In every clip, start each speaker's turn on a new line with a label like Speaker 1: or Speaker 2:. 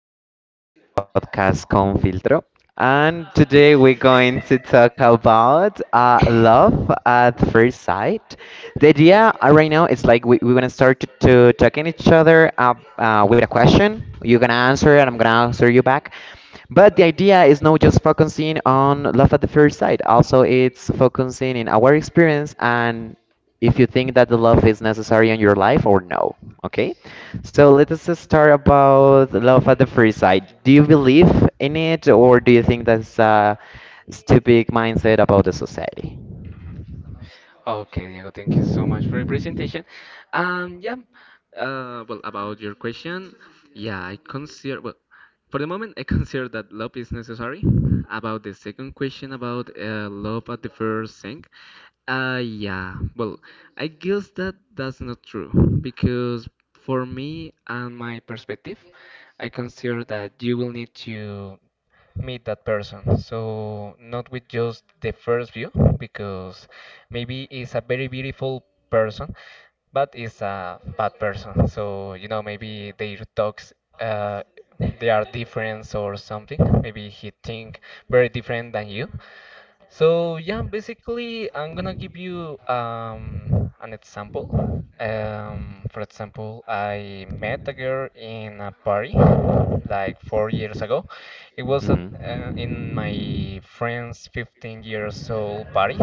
Speaker 1: This is the podcast Con Filtro, and today we're going to talk about love at first sight. The idea right now is like we're gonna start to talking each other up with a question. You're gonna answer, and I'm gonna answer you back, but the idea is not just focusing on love at the first sight, also it's focusing in our experience and if you think that the love is necessary in your life or no. Okay? So let us start about love at the first sight. Do you believe in it or do you think that's a stupid mindset about the society?
Speaker 2: Okay, Diego, thank you so much for your presentation. Yeah, well, about your question, yeah, I consider, well, for the moment, I consider that love is necessary. About the second question about love at the first thing, yeah, well, I guess that that's not true because for me and my perspective, I consider that you will need to meet that person. So not with just the first view, because maybe it's a very beautiful person, but it's a bad person. So you know, maybe their talks, uh, they are different or something. Maybe he think very different than you. So yeah, basically, I'm gonna give you an example. For example, I met a girl in a party like 4 years ago. It was at,
Speaker 1: Hmm.
Speaker 2: in my friend's 15 years old party,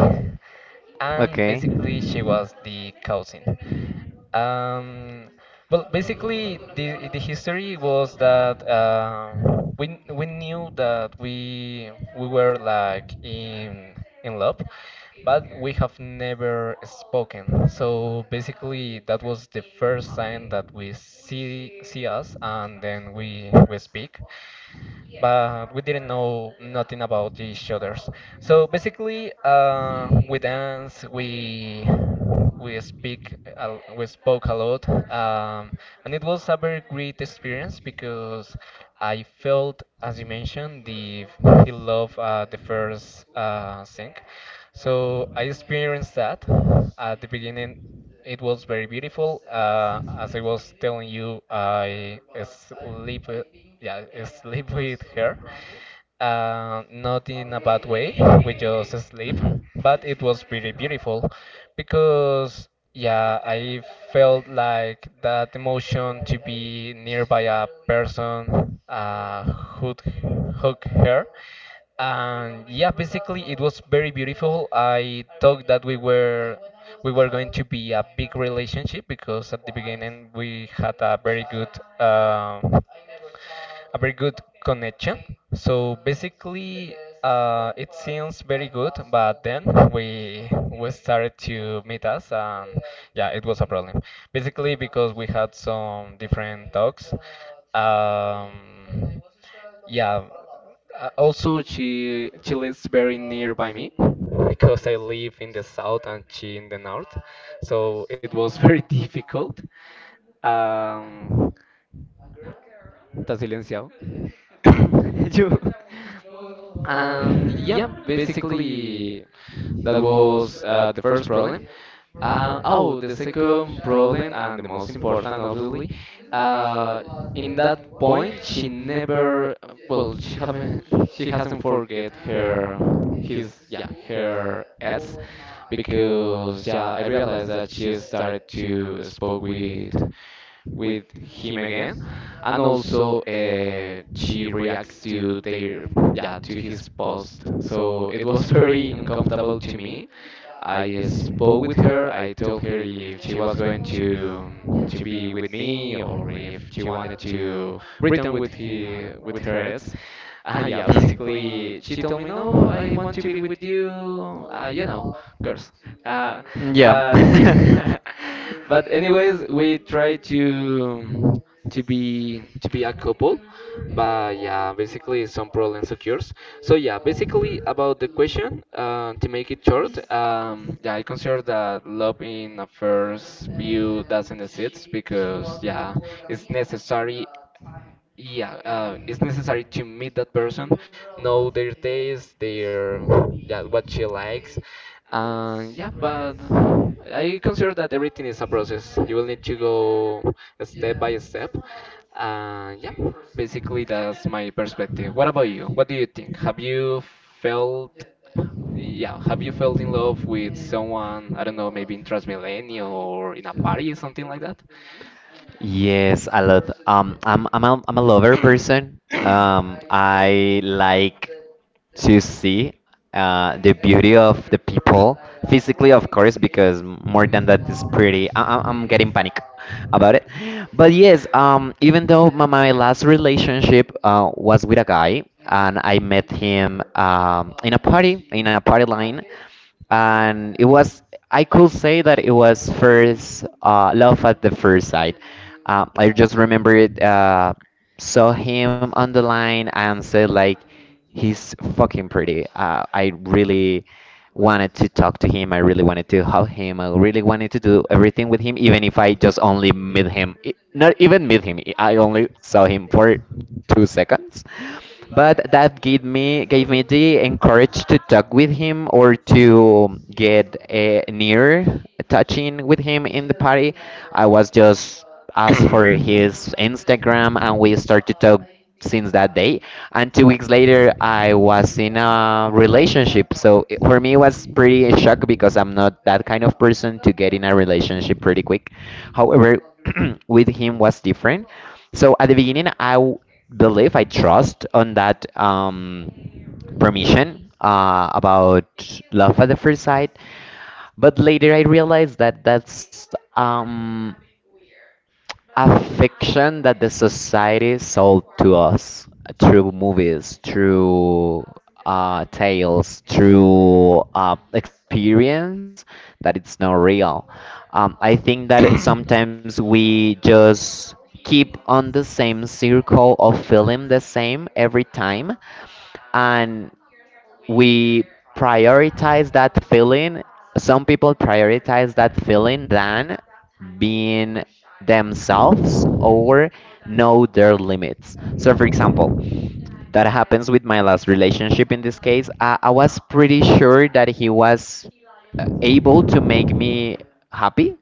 Speaker 1: Okay.
Speaker 2: and basically, she was the cousin. Um, well, basically, the history was that we knew that we were like in love, but we have never spoken. So basically, that was the first sign that we see us, and then we speak, but we didn't know nothing about each others. So basically, we dance, we spoke a lot. And it was a very great experience because I felt, as you mentioned, the love, the first thing. So I experienced that at the beginning. It was very beautiful. As I was telling you, I sleep, yeah, sleep with her, not in a bad way, we just sleep,
Speaker 1: Hmm.
Speaker 2: but it was pretty beautiful because yeah, I felt like that emotion to be nearby a person, who hug her. And yeah, basically it was very beautiful. I thought that we were going to be a big relationship because at the beginning we had a very good, um a very good connection. So basically, it seems very good, but then we started to meet us, and yeah, it was a problem, basically because we had some different talks. um, yeah also, she lives very nearby me because I live in the south and she in the north, so it was very difficult. Um, está silenciado. You- and yeah, basically that was the first problem. Oh, the second problem, and the most important, obviously, uh, in that point, she never, well, she haven't, she hasn't forget her, his, yeah, her ex, because yeah, I realized that she started to spoke with him again, and also she reacts to their, yeah, to his post. So it was very uncomfortable to me. I spoke with her. I told her if she was going to be with me or if she wanted to return with he, with her ex. Yeah,
Speaker 1: Mm.
Speaker 2: basically she told me, no, I want to be with you. You know, girls. Uh,
Speaker 1: Yeah.
Speaker 2: but but anyways, we try to be a couple, but yeah, basically some problems occurs. So yeah, basically about the question, to make it short, yeah, I consider that love in a first view doesn't exist because yeah, it's necessary, yeah, it's necessary to meet that person, know their taste, their, yeah, what she likes. And yeah, but I consider that everything is a process. You will need to go step by step. Yeah, basically that's my perspective. What about you? What do you think? Have you felt, yeah, have you felt in love with someone? I don't know, maybe in Transmilenio or in a party, or something like that?
Speaker 1: Yes, I love. I'm I'm a lover person. I like to see the beauty of the people physically, of course, because more than that is pretty. I'm getting panic about it. But yes, even though my last relationship was with a guy, and I met him in a party line, and it was I could say that it was first love at the first sight. I just remember it. Saw him on the line and said like, he's fucking pretty. I really wanted to talk to him. I really wanted to hug him. I really wanted to do everything with him, even if I just only met him. Not even meet him. I only saw him for 2 seconds, but that gave me the encourage to talk with him or to get near touching with him in the party. I was just asked for his Instagram, and we started to talk since that day. And 2 weeks later, I was in a relationship. So for me, it was pretty a shock because I'm not that kind of person to get in a relationship pretty quick. However, with him was different, so at the beginning, believe I trust on that permission about love at the first sight, but later I realized that that's a fiction that the society sold to us through movies, through tales, through experience, that it's not real. I think that sometimes we just keep on the same circle of feeling the same every time and we prioritize that feeling. Some people prioritize that feeling than being themselves or know their limits. So, for example, that happens with my last relationship in this case. I was pretty sure that he was able to make me happy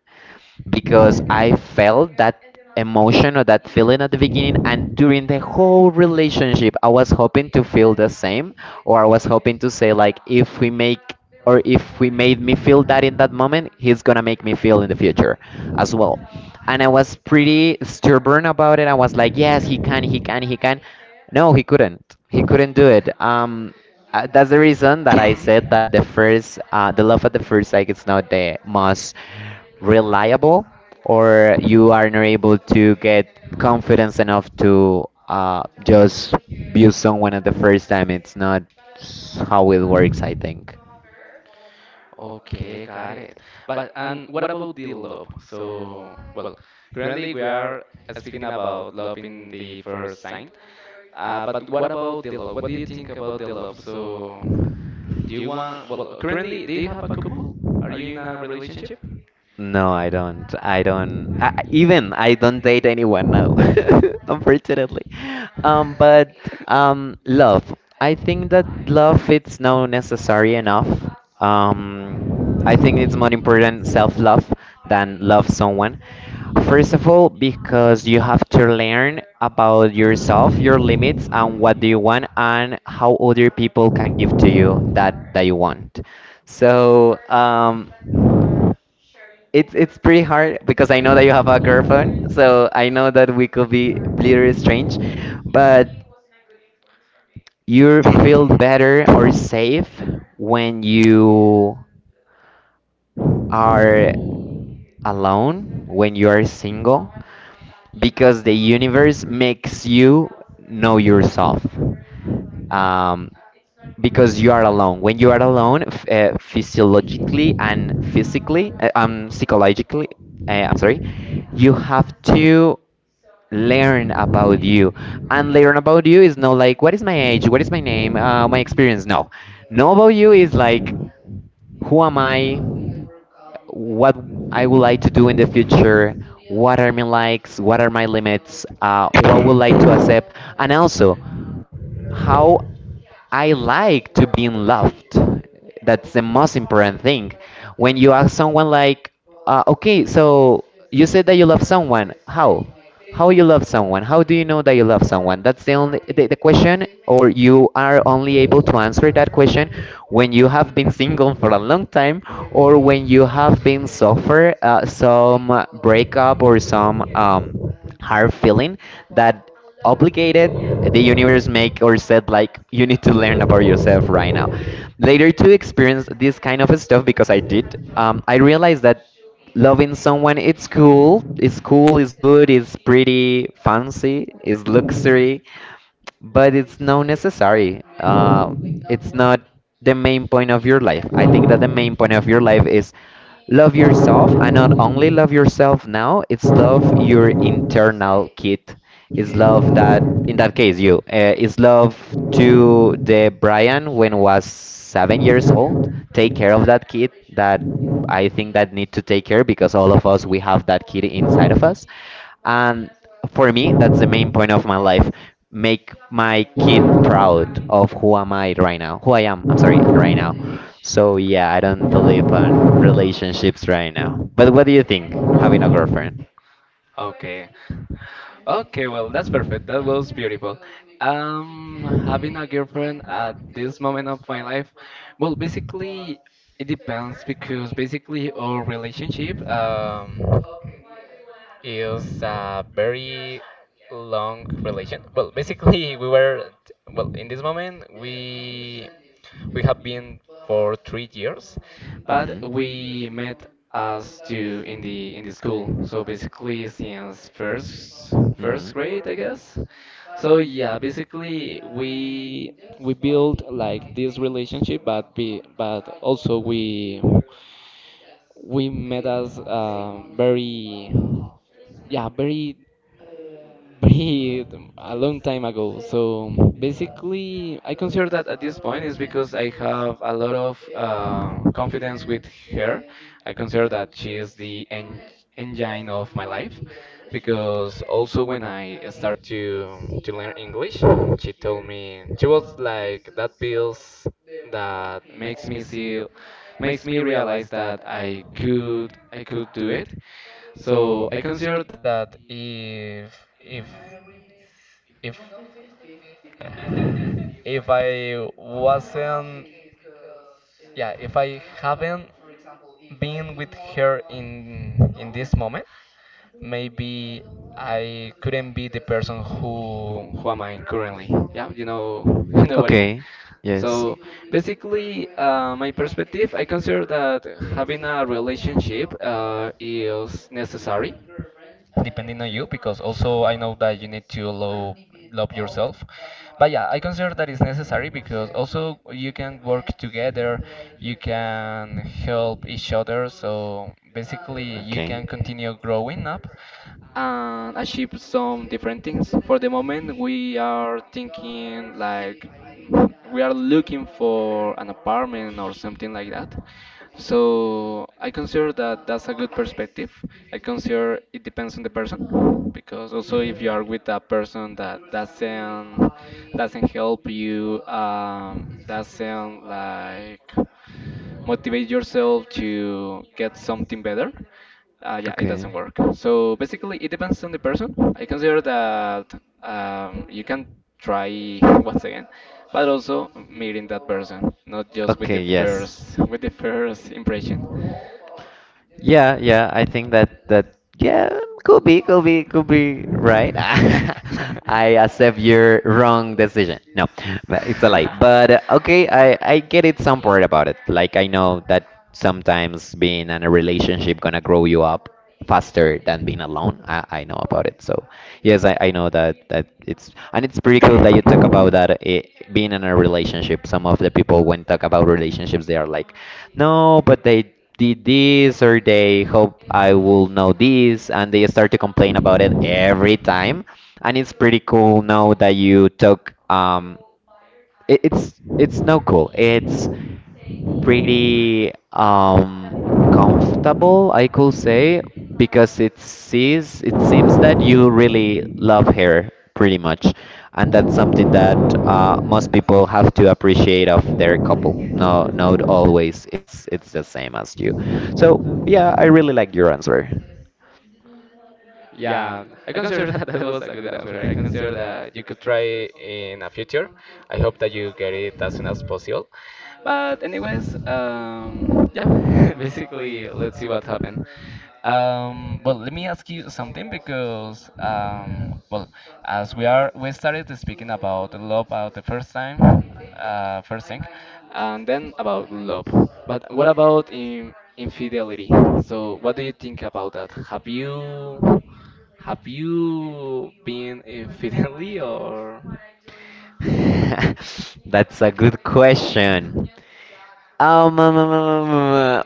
Speaker 1: because I felt that emotion or that feeling at the beginning, and during the whole relationship I was hoping to feel the same, or I was hoping to say like if we make or if we made me feel that in that moment he's gonna make me feel in the future as well. And I was pretty stubborn about it. I was like yes he can, no he couldn't do it. Uh, that's the reason that I said that the love at the first sight is not the most reliable, or
Speaker 2: Mhm.
Speaker 1: you are not able to get confidence enough to just view someone at the first time. It's not how it works, I think.
Speaker 2: Okay, got it. But and what about the love? So, well, currently we are speaking about love in the first sign. But what about the love? What do you think about the love? So, do you want, well, currently, do you have a couple? Are you in a relationship?
Speaker 1: No, I don't. Even I don't date anyone now, unfortunately. But love. I think that love it's not necessary enough. Um, I think it's more important self-love than love someone. First of all, because you have to learn about yourself, your limits, and what do you want, and how other people can give to you that that you want. So it's pretty hard because I know that you have a girlfriend, so I know that we could be little strange, but you feel better or safe when you are alone, when you are single, because the universe makes you know yourself. Um, because you are alone. When you are alone, f- physiologically and physically, psychologically, I'm sorry, you have to learn about you. And learn about you is not like what is my age, what is my name, my experience. No, know about you is like who am I? What I would like to do in the future? What are my likes? What are my limits? What would I like to accept? And also, how I like to be loved. That's the most important thing. When you ask someone like, okay, so you said that you love someone. How? How you love someone? How do you know that you love someone? That's the only the question, or you are only able to answer that question when you have been single for a long time, or when you have been suffer some breakup or some hard feeling that obligated the universe make or said like you need to learn about yourself right now later to experience this kind of stuff because I did. I realized that loving someone it's cool, it's good, it's pretty fancy, it's luxury, but it's not necessary. It's not the main point of your life. I think that the main point of your life is love yourself, and not only love yourself now, it's love your internal kid. It's love that, in that case, you. It's love to the Brian when was 7 years old. Take care of that kid that I think that need to take care because all of us we have that kid inside of us, and for me, that's the main point of my life. Make my kid proud of who am I right now. Who I am, I'm sorry, right now. So yeah, I don't believe on relationships right now. But what do you think, having a girlfriend?
Speaker 2: Okay. Okay, well, that's perfect. That was beautiful. Having a girlfriend at this moment of my life, well, basically, it depends because basically our relationship, it a very long relation. Well, basically, we were, well, in this moment we have been for 3 years, but
Speaker 1: Hmm.
Speaker 2: we met us to in the school. So basically, since first
Speaker 1: Hmm.
Speaker 2: grade, I guess. So yeah, basically we built like this relationship, but be, but also we met us, very, yeah, very, very a long time ago. So basically, I consider that at this point is because I have a lot of confidence with her. I consider that she is the en engine of my life because also when I started to learn English, she told me, she was like that bills that makes me see, makes me realize that I could do it. So I consider that if if if I wasn't, yeah, if I haven't been with her in this moment, maybe I couldn't be the person who am I currently. Yeah, you know, you know what I mean.
Speaker 1: Okay. Yes.
Speaker 2: So basically, my perspective, I consider that having a relationship is necessary, depending on you, because also I know that you need to love yourself. But yeah, I consider that is necessary because also you can work together, you can help each other. So basically, you
Speaker 1: Okay.
Speaker 2: can continue growing up and achieve some different things. For the moment, we are thinking like we are looking for an apartment or something like that. So I consider that that's a good perspective. I consider it depends on the person because also if you are
Speaker 1: Hmm.
Speaker 2: with a person that doesn't help you, doesn't like motivate yourself to get something better, yeah, it doesn't
Speaker 1: Okay.
Speaker 2: work. So basically, it depends on the person. I consider that you can try once again, but also meeting that person, not just with the
Speaker 1: Okay, yes.
Speaker 2: first with the first impression.
Speaker 1: Yeah, I think that that yeah, could be right. I accept your wrong decision. No, but it's a lie. But okay, I get it some part about it. Like I know that sometimes being in a relationship gonna grow you up faster than being alone. I know about it. So yes, I know that that it's, and it's pretty cool that you talk about that eh, being in a relationship. Some of the people when talk about relationships, they are like, no, but they did this or they hope I will know this and they start to complain about it every time. And it's pretty cool now that you took it, it's no cool. It's pretty comfortable I could say because it sees it seems that you really love her pretty much, and that's something that most people have to appreciate of their couple. No, not always. It's the same as you. So yeah, I really like your answer.
Speaker 2: Yeah, I consider that that was a good answer. I consider that you could try in a future. I hope that you get it as soon as possible. But anyways, yeah, basically, let's see what happened. Well, let me ask you something because, well, as we are, we started speaking about love about the first time, first thing, and then about love. But what about in infidelity? So, what do you think about that? Have you been infidelity or?
Speaker 1: That's a good question. Um, um, um, um, um, um, uh,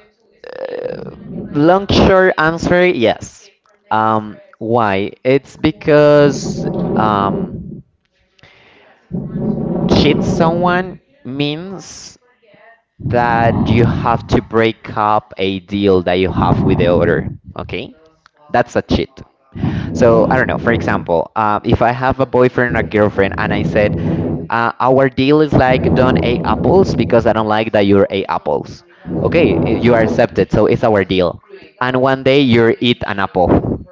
Speaker 1: Long short answer, yes. Why? It's because um, cheat someone means that you have to break up a deal that you have with the other. Okay, that's a cheat. So I don't know. For example, if I have a boyfriend or girlfriend and I said, our deal is like don't eat apples because I don't like that you are ate apples. Okay, you are accepted, so it's our deal. And one day you eat an apple.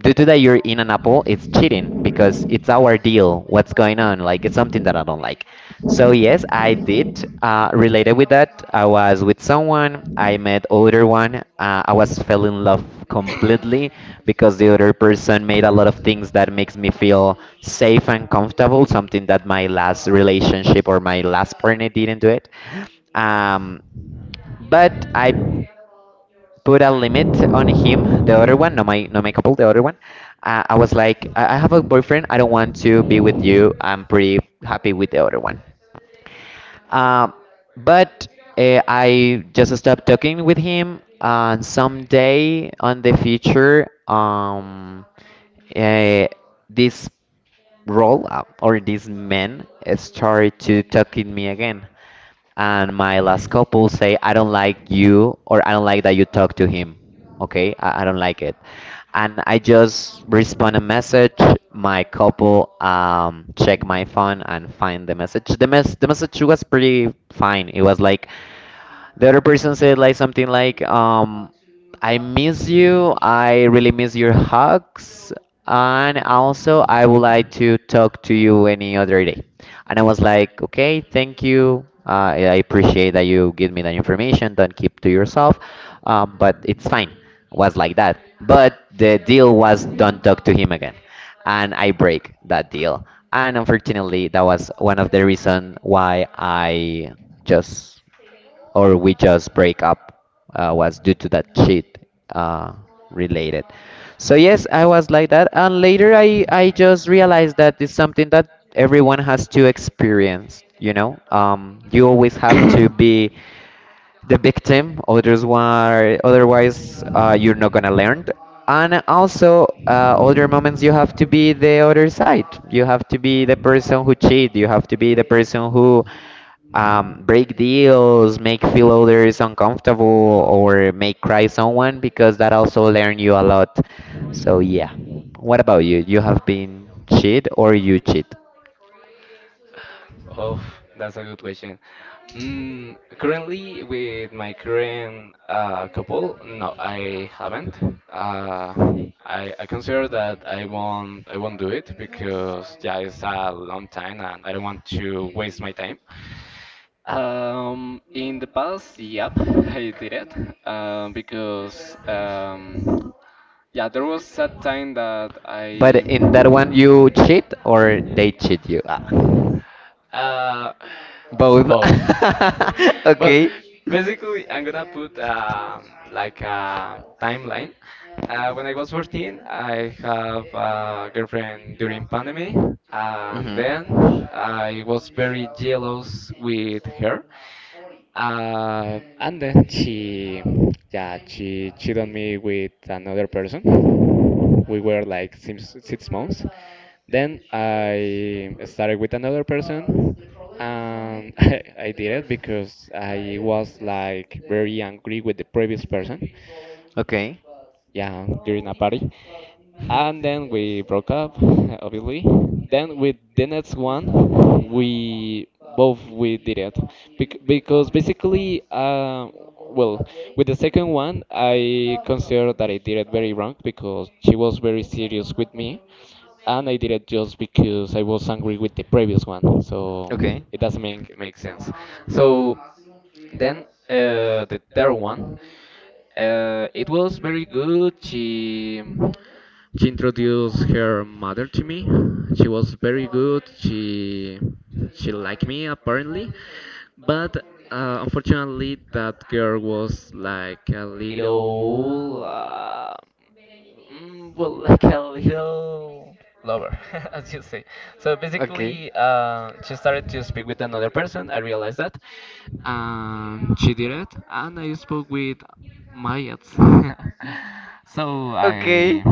Speaker 1: Due to that you're in an apple, it's cheating because it's our deal. What's going on? Like it's something that I don't like. So yes, I did. Related with that, I was with someone. I met older one. I was fell in love completely because the other person made a lot of things that makes me feel safe and comfortable, something that my last relationship or my last partner didn't do it. Um, but I put a limit on him, the other one, no my couple, the other one. I was like, I have a boyfriend. I don't want to be with you. I'm pretty happy with the other one. Um, but I just stopped talking with him, and someday on the future, uh, this role or this man started to talk with me again, and my last couple say, I don't like you, or I don't like that you talk to him. Okay, I don't like it. And I just respond a message. My couple check my phone and find the message. The, mess the message was pretty fine. It was like the other person said like something like, I miss you, I really miss your hugs, and also I would like to talk to you any other day. And I was like, okay, thank you. I appreciate that you give me that information. Don't keep to yourself, but it's fine. Was like that. But the deal was don't talk to him again, and I break that deal. And unfortunately, that was one of the reason why I just, or we just break up, was due to that cheat uh, related. So yes, I was like that, and later I just realized that it's something that everyone has to experience. You always have to be the victim others were otherwise, you're not gonna learn, and also other moments you have to be the other side, you have to be the person who cheat, you have to be the person who break deals, make feel others uncomfortable, or make cry someone, because that also learn you a lot. So yeah, what about you? You have been cheat or you cheat?
Speaker 2: Oh, that's a good question. Mm, currently, with my current couple, no, I haven't. Uh, I consider that I won't do it because yeah, it's a long time and I don't want to waste my time. In the past, yep, I did it. Because yeah, there was a time that
Speaker 1: But
Speaker 2: I.
Speaker 1: in that one, you cheat or they cheat you? Ah.
Speaker 2: Uh,
Speaker 1: Both.
Speaker 2: both. but
Speaker 1: Okay.
Speaker 2: basically, I'm gonna put like a timeline. When I was 14, I have a girlfriend during pandemic, and
Speaker 1: Hmm.
Speaker 2: then I was very jealous with her. And then she, yeah, she cheated on me with another person. We were like six months. Then I started with another person, and I did it because I was like very angry with the previous person.
Speaker 1: Okay.
Speaker 2: Yeah, during a party, and then we broke up obviously. Then with the next one, we both we did it. Bec- because basically, well, with the second one I consider that I did it very wrong because she was very serious with me, and I did it just because I was angry with the previous one, so
Speaker 1: Okay.
Speaker 2: it doesn't make sense. So then, the third one, it was very good. She introduced her mother to me. She was very good. She liked me apparently, but unfortunately that girl was like a little well, like a little lover as you say. So
Speaker 1: Okay.
Speaker 2: basically, she started to speak with another person. I realized that, and she did it, and I spoke with my ex. So
Speaker 1: Okay.
Speaker 2: I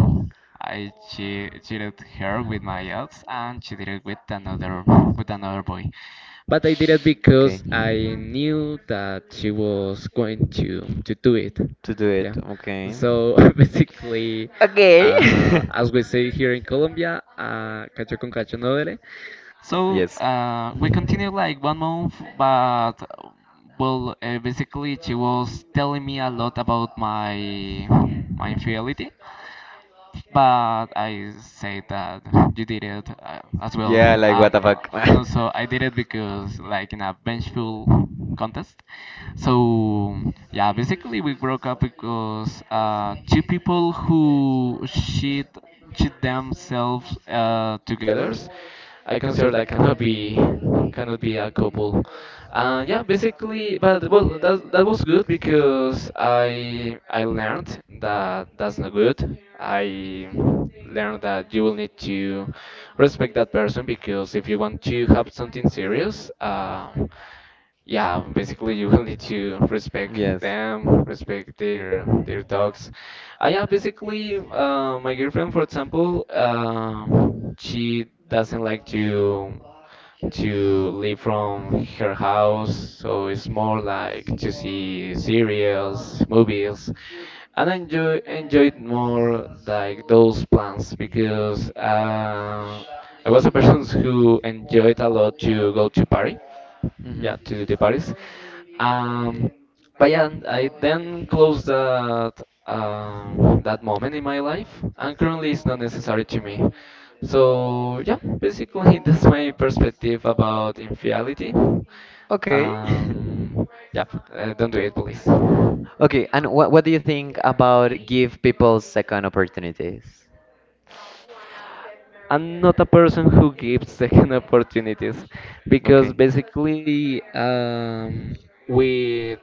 Speaker 2: cheated her with my ex, and she did it with another, with another boy, but I did it
Speaker 1: Okay.
Speaker 2: because I knew that she was going to do it.
Speaker 1: To do it.
Speaker 2: Yeah,
Speaker 1: Okay.
Speaker 2: so basically,
Speaker 1: Okay.
Speaker 2: as we say here in Colombia, cacho con cacho no duele. So
Speaker 1: Yes.
Speaker 2: we continued like one month, but, well, basically, she was telling me a lot about my my infidelity, but I said that you did it, as well,
Speaker 1: Yeah, like what the fuck.
Speaker 2: and also I did it because like in a vengeful contest. So yeah, basically we broke up because two people who cheat themselves together, I consider that cannot be a couple. And yeah, basically, but well, that that was good because I learned that that's not good. I learned that you will need to respect that person because if you want to have something serious, yeah, basically you will need to respect
Speaker 1: Yes.
Speaker 2: them, respect their talks. Yeah, basically, my girlfriend, for example, she doesn't like to leave from her house, so it's more like to see serials, movies, and I enjoyed more like those plans because I was a person who enjoyed a lot to go to Paris,
Speaker 1: Hmm.
Speaker 2: yeah, to the Paris. Um, but yeah, and I then closed that that moment in my life, and currently it's not necessary to me. So yeah, basically that's my perspective about infidelity.
Speaker 1: Okay.
Speaker 2: Um, yeah, don't do it, please.
Speaker 1: Okay, and what do you think about give people second opportunities?
Speaker 2: I'm not a person who gives second opportunities because
Speaker 1: Okay.
Speaker 2: basically, with,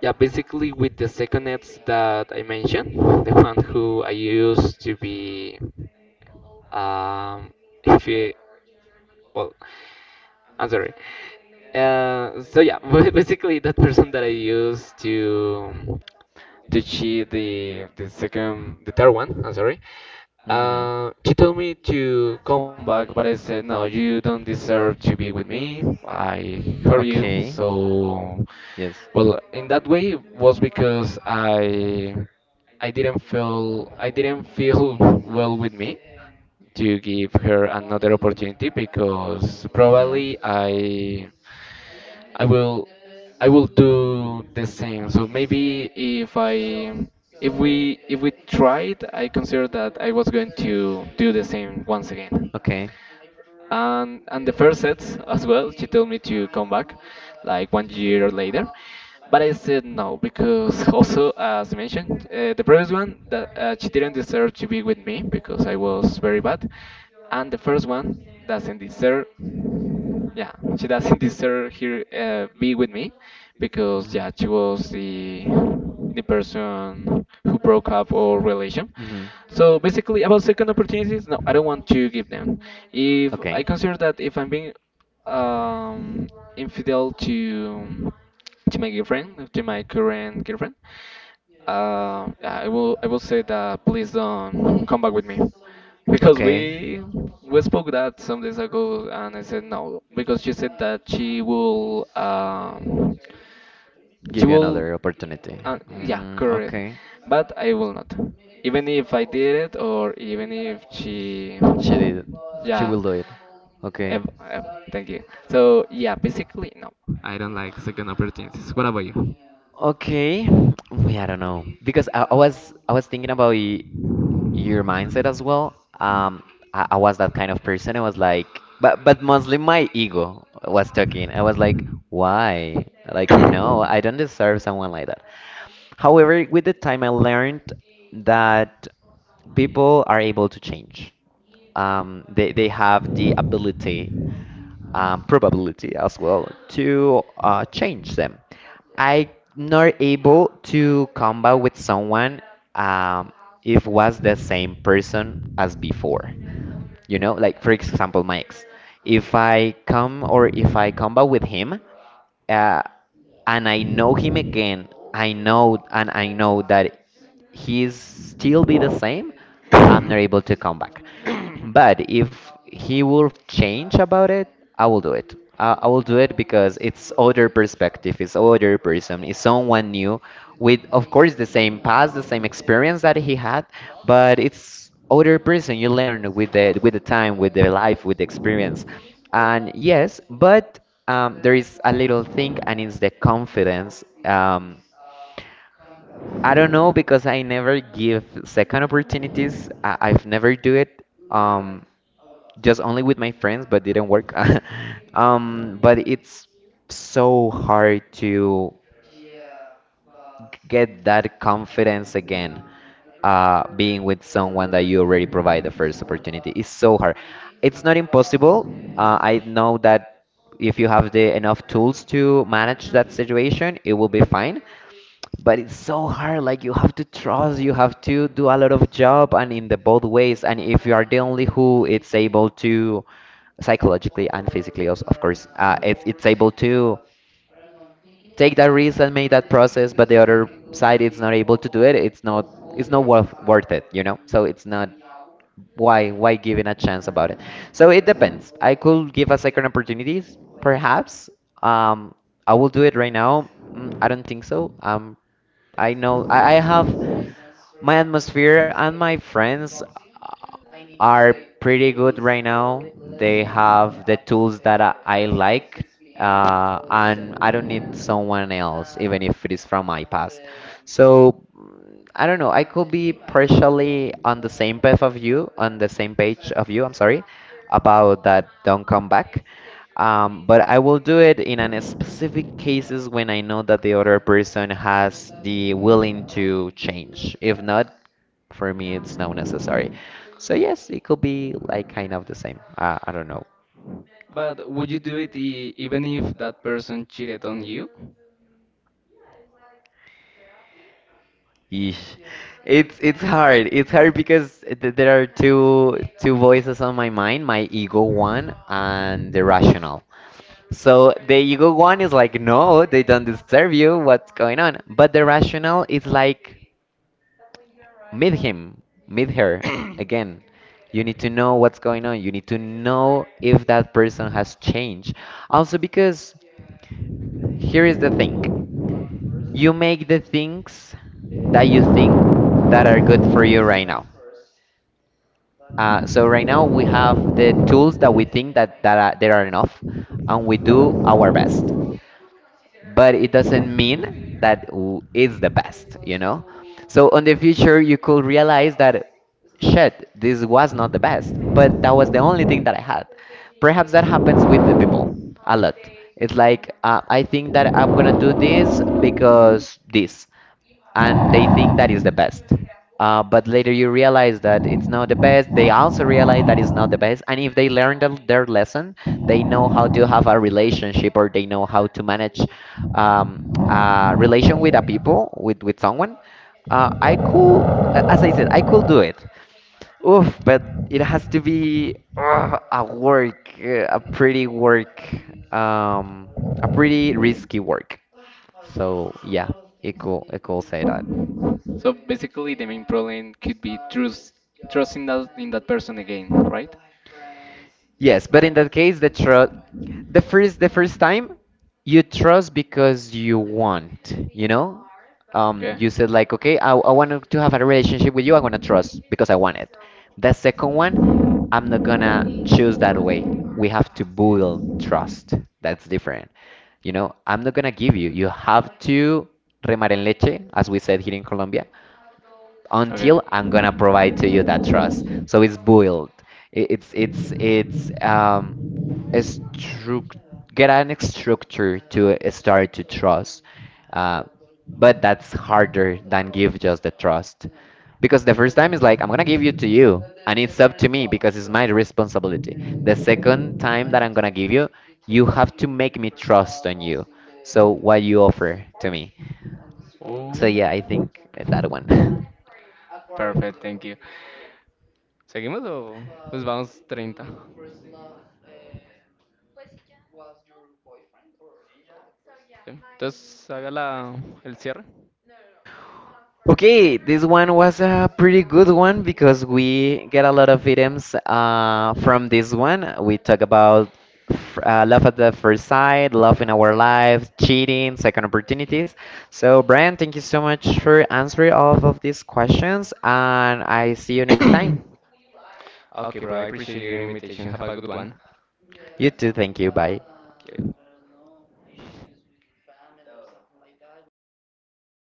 Speaker 2: yeah, basically with the second ads that I mentioned, the one who I used to be, um, if you, well, I'm sorry. So yeah, ba- basically that person that I used to cheat, the second, the third one, I'm sorry.
Speaker 1: Hmm.
Speaker 2: She told me to come back, but I said, no, you don't deserve to be with me. I hurt you.
Speaker 1: Okay.
Speaker 2: So,
Speaker 1: Yes.
Speaker 2: well, in that way it was because I didn't feel well with me to give her another opportunity because
Speaker 1: Mm-hmm.
Speaker 2: probably I will I will do the same. So maybe if I, if we, if we tried, I consider that I was going to do the same once again.
Speaker 1: Okay.
Speaker 2: And the first sets as well, she told me to come back like one year later. But I said no because also, as I mentioned, the previous one that she didn't deserve to be with me because I was very bad, and the first one doesn't deserve. Yeah, she doesn't deserve here be with me because
Speaker 1: Mm.
Speaker 2: yeah, she was the person who broke up our relation.
Speaker 1: Mm-hmm.
Speaker 2: So basically, about second opportunities, no, I don't want to give them. If
Speaker 1: Okay.
Speaker 2: I consider that if I'm being um, infidel to my girlfriend, to my current girlfriend. I will say that please don't come back with me because
Speaker 1: Okay.
Speaker 2: we spoke that some days ago, and I said no because she said that she will, she
Speaker 1: Give you
Speaker 2: will,
Speaker 1: another opportunity.
Speaker 2: yeah,
Speaker 1: Mm,
Speaker 2: correct,
Speaker 1: okay.
Speaker 2: but I will not, even if I did it or even if she,
Speaker 1: She did. She
Speaker 2: yeah,
Speaker 1: will do it. Okay.
Speaker 2: ev- ev- thank you. So yeah, basically no, I don't like second opportunities. What about you?
Speaker 1: Okay. Yeah, I don't know. Because I was I was thinking about y your mindset as well. I was that kind of person. I was like, but mostly my ego was talking. I was like, why? Like, no, I don't deserve someone like that. However, with the time, I learned that people are able to change. They have the ability, probability as well to change them. I'm not able to combat with someone um, if was the same person as before. You know, like for example, my ex. If I come or if I combat with him, uh, and I know him again, I know, and I know that he's still be the same, I'm not able to come back. But if he will change about it, I will do it. I will do it because it's other perspective, it's other person, it's someone new, with, of course, the same past, the same experience that he had, but it's other person. You learn with the time, with the life, with the experience, and yes, but there is a little thing, and it's the confidence. I don't know because I never give second opportunities. I've never do it. Um, just only with my friends, but didn't work. But it's so hard to get that confidence again. Being with someone that you already provide the first opportunity is so hard. It's not impossible. I know that if you have the enough tools to manage that situation, it will be fine, but it's so hard. Like, you have to trust, you have to do a lot of job, and in the both ways. And if you are the only who it's able to psychologically and physically, also of course, it's able to take that risk and make that process, but the other side is not able to do it. It's not, it's not worth it, you know. So it's not, why giving a chance about it? So it depends. I could give a second opportunities perhaps. um I will do it right now? Mm, I don't think so. I know, I have my atmosphere, and my friends are pretty good right now. They have the tools that I like, and I don't need someone else, even if it is from my past. So I don't know. I could be partially on the same path of you, on the same page of you. I'm sorry about that. Don't come back. But I will do it in an specific cases when I know that the other person has the willing to change. If not, for me, it's not necessary. So yes, it could be like kind of the same. I don't know.
Speaker 2: But would you do it, e- even if that person cheated on you?
Speaker 1: Eesh. It's hard. It's hard because th there are two voices on my mind, my ego one and the rational. So the ego one is like, no, they don't deserve you. What's going on? But the rational is like, meet him, meet her again. You need to know what's going on. You need to know if that person has changed. Also, because here is the thing, you make the things that you think that are good for you right now. So right now we have the tools that we think that are, there are enough, and we do our best. But it doesn't mean that it's the best, you know. So in the future, you could realize that shit, this was not the best, but that was the only thing that I had. Perhaps that happens with the people a lot. It's like I think that I'm gonna do this because this, and they think that is the best. But later you realize that it's not the best. They also realize that it's not the best. And if they learn their lesson, they know how to have a relationship, or they know how to manage um, a relation with a people, with someone. I could, as I said, I could do it. Oof, but it has to be a work, a pretty work, um, a pretty risky work. So yeah, it could, it could say that.
Speaker 2: So basically, the main problem could be trust, trusting that in that person again, right?
Speaker 1: Yes, but in that case, the trust, the first time, you trust because you want, you know?
Speaker 2: Okay.
Speaker 1: You said like, okay, I want to have a relationship with you. I want to trust because I want it. The second one, I'm not gonna choose that way. We have to build trust. That's different. You know, I'm not gonna give you. You have to remar en leche, as we said here in Colombia,
Speaker 2: Okay.
Speaker 1: until I'm gonna provide to you that trust. So it's build. It's it's a get an structure to start to trust. Uh, but that's harder than give just the trust, because the first time is like, I'm gonna give you to you, and it's up to me because it's my responsibility. The second time that I'm gonna give you, you have to make me trust on you, so what you offer to me. So
Speaker 2: Oh,
Speaker 1: yeah, I think that one.
Speaker 2: perfect, thank you. ¿Seguimos o nos vamos treinta? Entonces haga la, el cierre.
Speaker 1: Okay, this one was a pretty good one because we get a lot of items from this one. We talk about love at the first sight, love in our lives, cheating, second opportunities. So, Brian, thank you so much for answering all of these questions, and I see you next time.
Speaker 2: Ah, okay, bro, I appreciate your invitation. Have a good one.
Speaker 1: You too, thank you. Bye.
Speaker 2: Thank you.